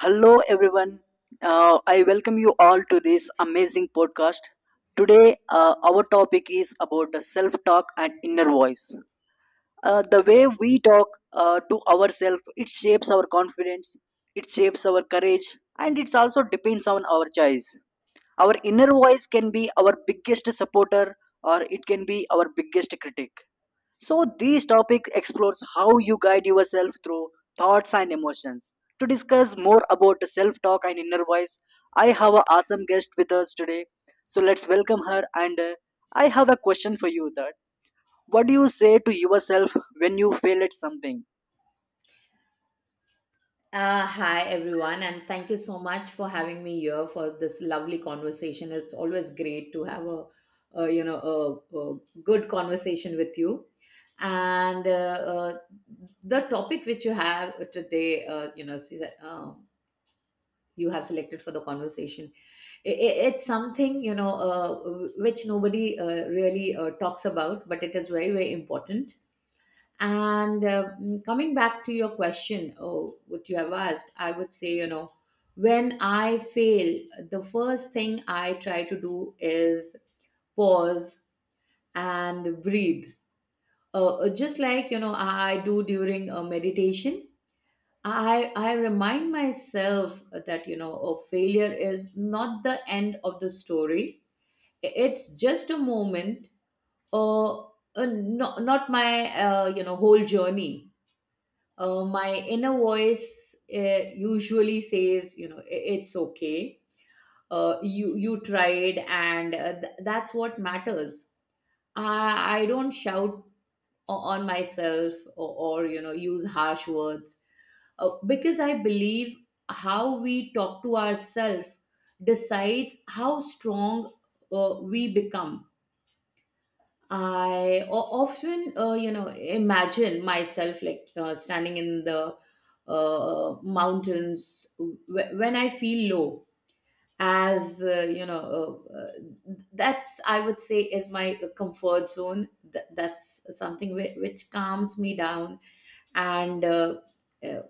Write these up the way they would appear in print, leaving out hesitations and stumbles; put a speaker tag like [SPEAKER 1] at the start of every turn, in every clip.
[SPEAKER 1] Hello, everyone. I welcome you all to this amazing podcast. Today, our topic is about the self-talk and inner voice. The way we talk to ourselves, it shapes our confidence, it shapes our courage, and it also depends on our choice. Our inner voice can be our biggest supporter, or it can be our biggest critic. So, this topic explores how you guide yourself through thoughts and emotions. To discuss more about self talk and inner voice, I have an awesome guest with us today. So, let's welcome her. And I have a question for you that what do you say to yourself when you fail at something?
[SPEAKER 2] Hi everyone, and thank you so much for having me here for this lovely conversation. It's always great to have a good conversation with you. And The topic which you have today, you have selected for the conversation, it's something which nobody really talks about, but it is very very important and coming back to your question, oh, what you have asked, I would say, you know, when I fail, the first thing I try to do is pause and breathe. Just like, you know, I do during a meditation, I remind myself that, you know, a failure is not the end of the story. It's just a moment or not my, whole journey. My inner voice usually says, you know, It's okay. You tried, and that's what matters. I don't shout on myself, or you know, use harsh words, because I believe how we talk to ourselves decides how strong we become. I often, imagine myself like standing in the mountains when I feel low. As uh, uh, that's, I would say, is my comfort zone. That's something which calms me down, and uh,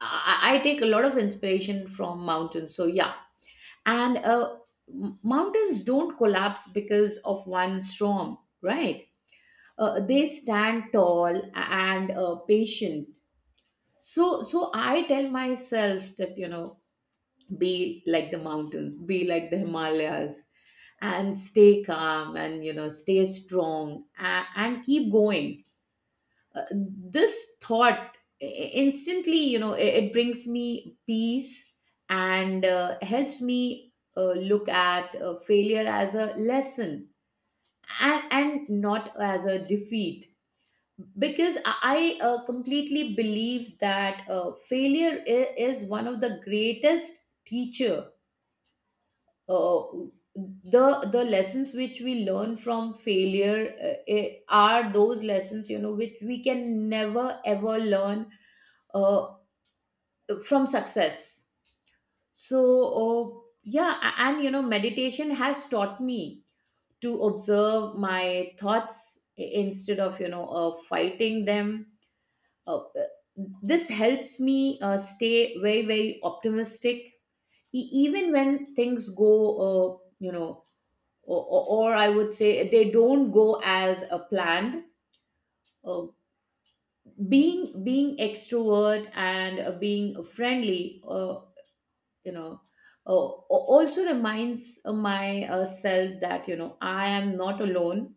[SPEAKER 2] I take a lot of inspiration from mountains. So yeah, and mountains don't collapse because of one storm, right? They stand tall and patient. So I tell myself that, you know, be like the mountains, be like the Himalayas, and stay calm, and you know, stay strong, and keep going. This thought instantly, you know, it brings me peace and helps me look at failure as a lesson, and not as a defeat, because I completely believe that failure is one of the greatest teacher. Uh, the the lessons which we learn from failure are those lessons, you know, which we can never ever learn uh, from success. So, uh, yeah, and you know, meditation has taught me to observe my thoughts instead of, you know, fighting them. uh, uh, this helps me stay very very optimistic even when things go uh, you know or I would say, they don't go as planned. Uh, being being extrovert and being friendly, you know uh, also reminds myself that, you know, I am not alone.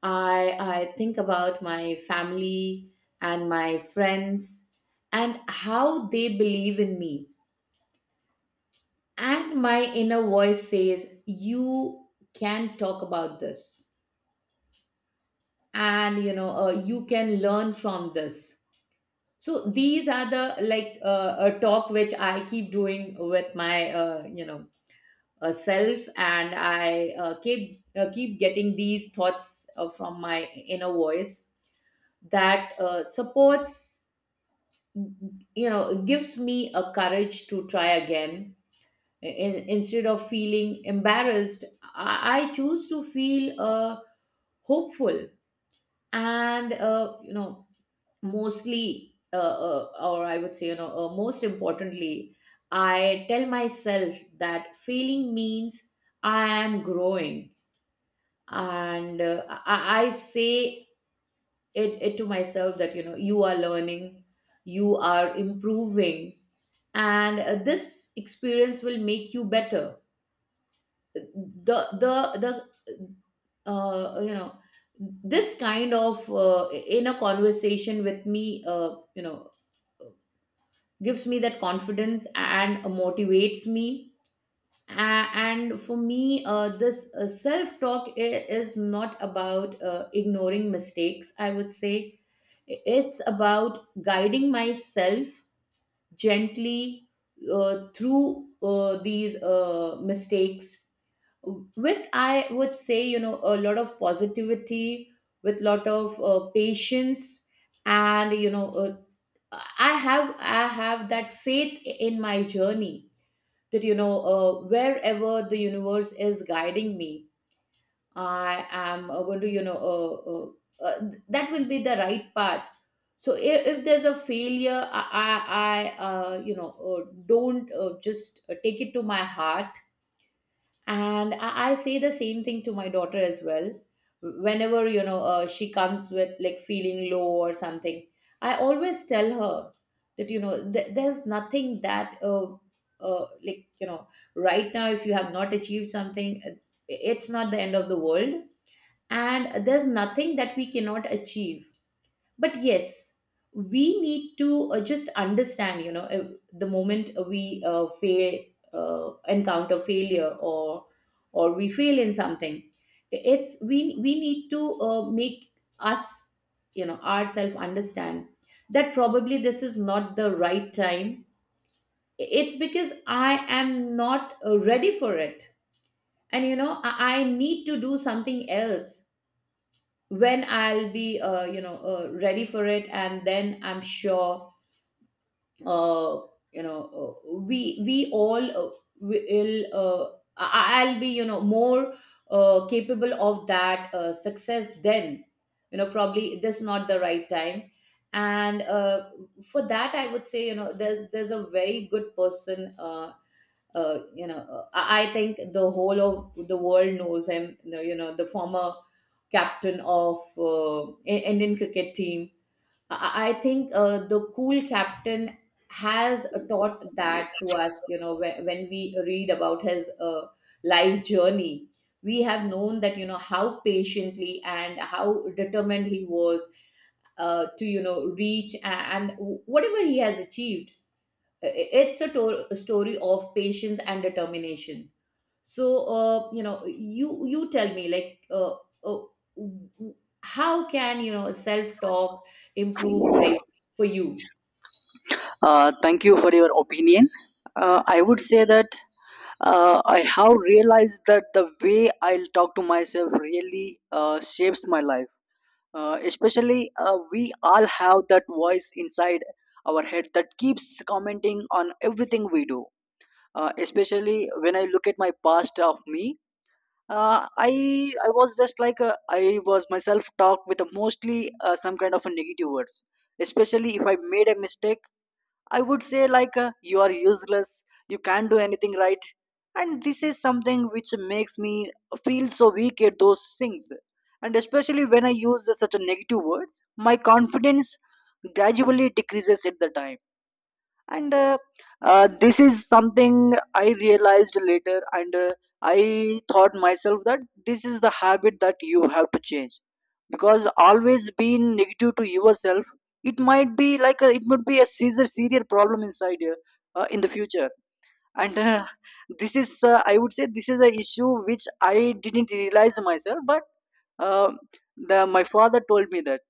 [SPEAKER 2] I think about my family and my friends and how they believe in me. And my inner voice says, you can talk about this, and you know, you can learn from this. So these are the like a talk which I keep doing with my self, and I keep getting these thoughts from my inner voice that supports, you know, gives me a courage to try again. Instead of feeling embarrassed, I choose to feel hopeful, and you know mostly or I would say, you know, most importantly, I tell myself that failing means I am growing. And I say it to myself that, you know, you are learning, you are improving, and this experience will make you better. The the the you know This kind of in a conversation with me, gives me that confidence and motivates me. And for me, this self talk is not about ignoring mistakes, I would say. It's about guiding myself gently through these mistakes with, I would say, you know, a lot of positivity, with lot of patience, and you know, I have that faith in my journey, that you know, wherever the universe is guiding me, I am going to, you know, that will be the right path. So if there's a failure, I don't just take it to my heart. And I say the same thing to my daughter as well. Whenever, you know, she comes with like feeling low or something, I always tell her that, you know, there's nothing that, like, you know, right now, if you have not achieved something, it's not the end of the world, and there's nothing that we cannot achieve. But yes, we need to just understand, you know, the moment we fail, encounter failure, or we fail in something, it's we need to make us, you know, ourselves understand that probably this is not the right time. It's because I am not ready for it, and you know, I need to do something else. When I'll be, ready for it, and then I'm sure, uh, we all will. I'll be, you know, more capable of that success. Then, you know, probably this not the right time, and for that, I would say, you know, there's a very good person. I think the whole of the world knows him. You know, the former captain of Indian cricket team. I think the cool captain has taught that to us. You know, when we read about his life journey, we have known that, you know, how patiently and how determined he was to, you know, reach and whatever he has achieved, it's a, a story of patience and determination. So you tell me, like, uh, how can, you know, self talk improve life for you?
[SPEAKER 1] Thank you for your opinion. I would say that I have realized that the way I'll talk to myself really shapes my life, especially we all have that voice inside our head that keeps commenting on everything we do, especially when I look at my past of me. Uh, i i was just like, I was myself talk with a mostly, some kind of a negative words, especially if I made a mistake. I would say, like, you are useless, you can't do anything right. And this is something which makes me feel so weak at those things. And especially when I use such a negative words, my confidence gradually decreases at the time. And this is something I realized later, and I thought myself that this is the habit that you have to change, because always being negative to yourself, it might be like a, it would be a serious problem inside you in the future. And this is, I would say, this is the issue which I didn't realize myself, but uh, the my father told me that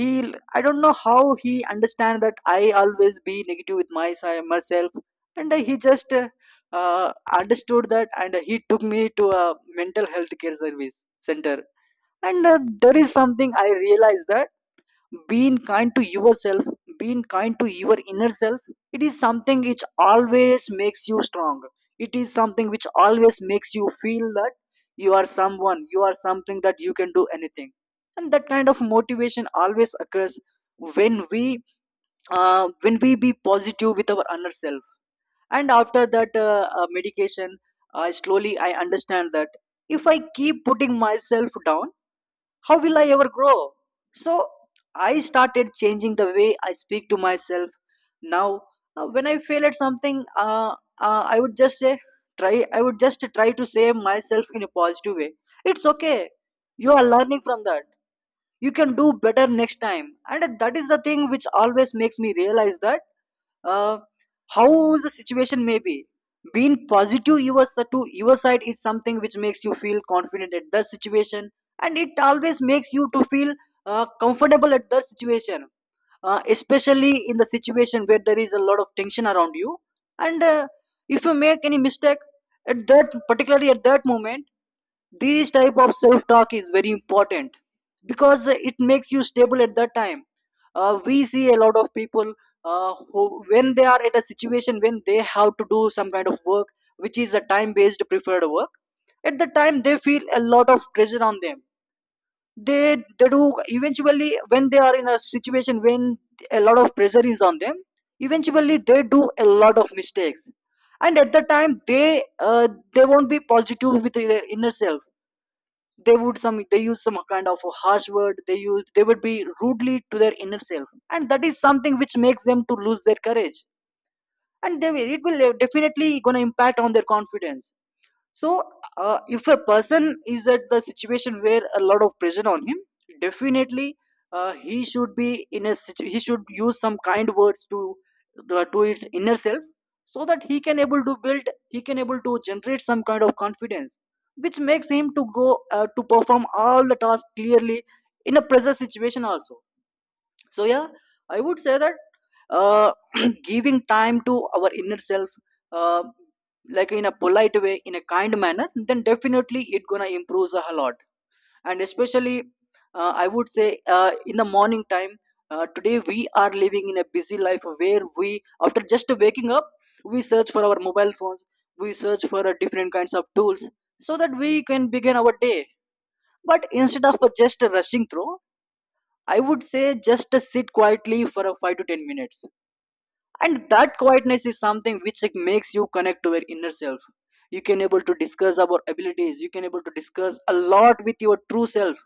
[SPEAKER 1] he, I don't know how he understand that I always be negative with my, si- myself. And he just uh, Understood that and he took me to a mental health care service center. And There is something I realized that being kind to yourself, being kind to your inner self, it is something which always makes you strong. It is something which always makes you feel that you are someone, you are something, that you can do anything. And that kind of motivation always occurs when we, when we be positive with our inner self. And after that, medication, I slowly I understand that if I keep putting myself down, how will I ever grow? So I started changing the way I speak to myself. Now, when I fail at something, I would just say, try. I would just try to say myself in a positive way. It's okay. You are learning from that. You can do better next time. And that is the thing which always makes me realize that, uh, how the situation may be, being positive you was to your side is something which makes you feel confident at that situation. And it always makes you to feel comfortable at that situation, especially in the situation where there is a lot of tension around you. And if you make any mistake at that, particularly at that moment, this type of self-talk is very important because it makes you stable at that time. We see a lot of people who, when they are at a situation when they have to do some kind of work, which is a time-based preferred work. At the time, they feel a lot of pressure on them. They do eventually when they are in a situation when a lot of pressure is on them. Eventually, they do a lot of mistakes. And at the time they, they won't be positive with their inner self. They would some, they use some kind of a harsh word, they use, they would be rudely to their inner self, and that is something which makes them to lose their courage. And they, it will definitely gonna impact on their confidence. So, if a person is at the situation where a lot of pressure on him, definitely he should be in a situ- he should use some kind words to to its inner self, so that he can able to build, he can able to generate some kind of confidence which makes him to go to perform all the tasks clearly in a pressure situation also. So yeah, I would say that, uh, giving time to our inner self uh, like in a polite way, in a kind manner, then definitely it gonna improves a lot. And especially, I would say, in the morning time, today we are living in a busy life where we, after just waking up, we search for our mobile phones, we search for different kinds of tools, so that we can begin our day. But instead of just rushing through, I would say just sit quietly for a 5 to 10 minutes. And that quietness is something which, like, makes you connect to your inner self. You can able to discuss about abilities. You can able to discuss a lot with your true self,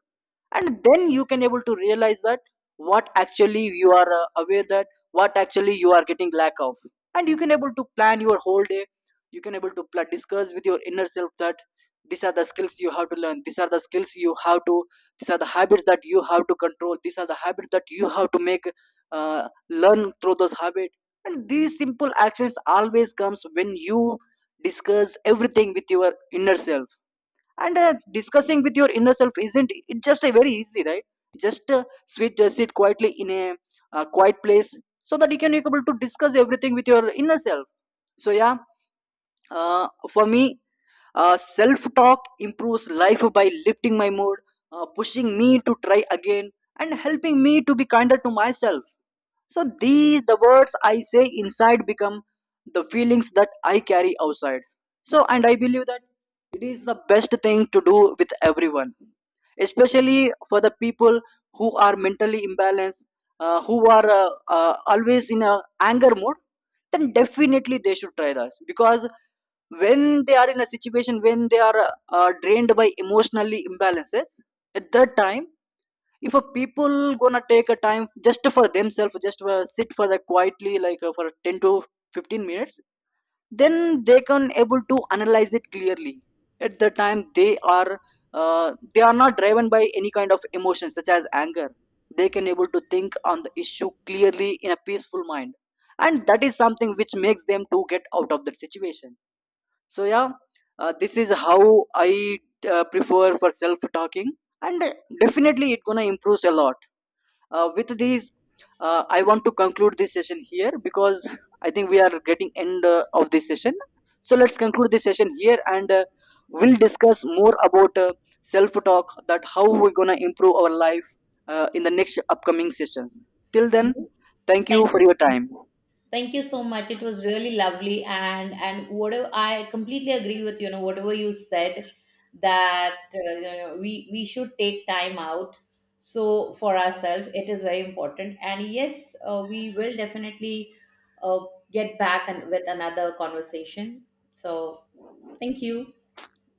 [SPEAKER 1] and then you can able to realize that what actually you are aware, that what actually you are getting lack of. And you can able to plan your whole day. You can able to discuss with your inner self that these are the skills you have to learn, these are the skills you have to, these are the habits that you have to control, these are the habits that you have to make, learn through those habits. And these simple actions always comes when you discuss everything with your inner self. And discussing with your inner self isn't it just a very easy, right? Just sit quietly in a quiet place, so that you can be able to discuss everything with your inner self. So yeah, for me, self talk improves life by lifting my mood, pushing me to try again, and helping me to be kinder to myself. So these the words I say inside become the feelings that I carry outside. So and I believe that it is the best thing to do with everyone, especially for the people who are mentally imbalanced, who are always in a anger mode. Then definitely they should try this, because when they are in a situation when they are drained by emotionally imbalances, at that time, if a people gonna take a time just for themselves, just sit for the quietly like for 10 to 15 minutes, then they can able to analyze it clearly. At the time they are not driven by any kind of emotion such as anger, they can able to think on the issue clearly in a peaceful mind, and that is something which makes them to get out of that situation. So yeah, this is how I prefer for self talking. And definitely it gonna improves a lot. With these, I want to conclude this session here, because I think we are getting end of this session. So let's conclude this session here, and we'll discuss more about self talk, that how we're going to improve our life in the next upcoming sessions. Till then,
[SPEAKER 2] You-
[SPEAKER 1] thank you
[SPEAKER 2] Thank
[SPEAKER 1] for
[SPEAKER 2] you.
[SPEAKER 1] your time.
[SPEAKER 2] Thank you so much. It was really lovely, and whatever, I completely agree with, you know, whatever you said, that we should take time out so for ourselves. It is very important, and yes, we will definitely uh, get back and with another conversation. So thank you.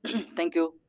[SPEAKER 1] Thank you.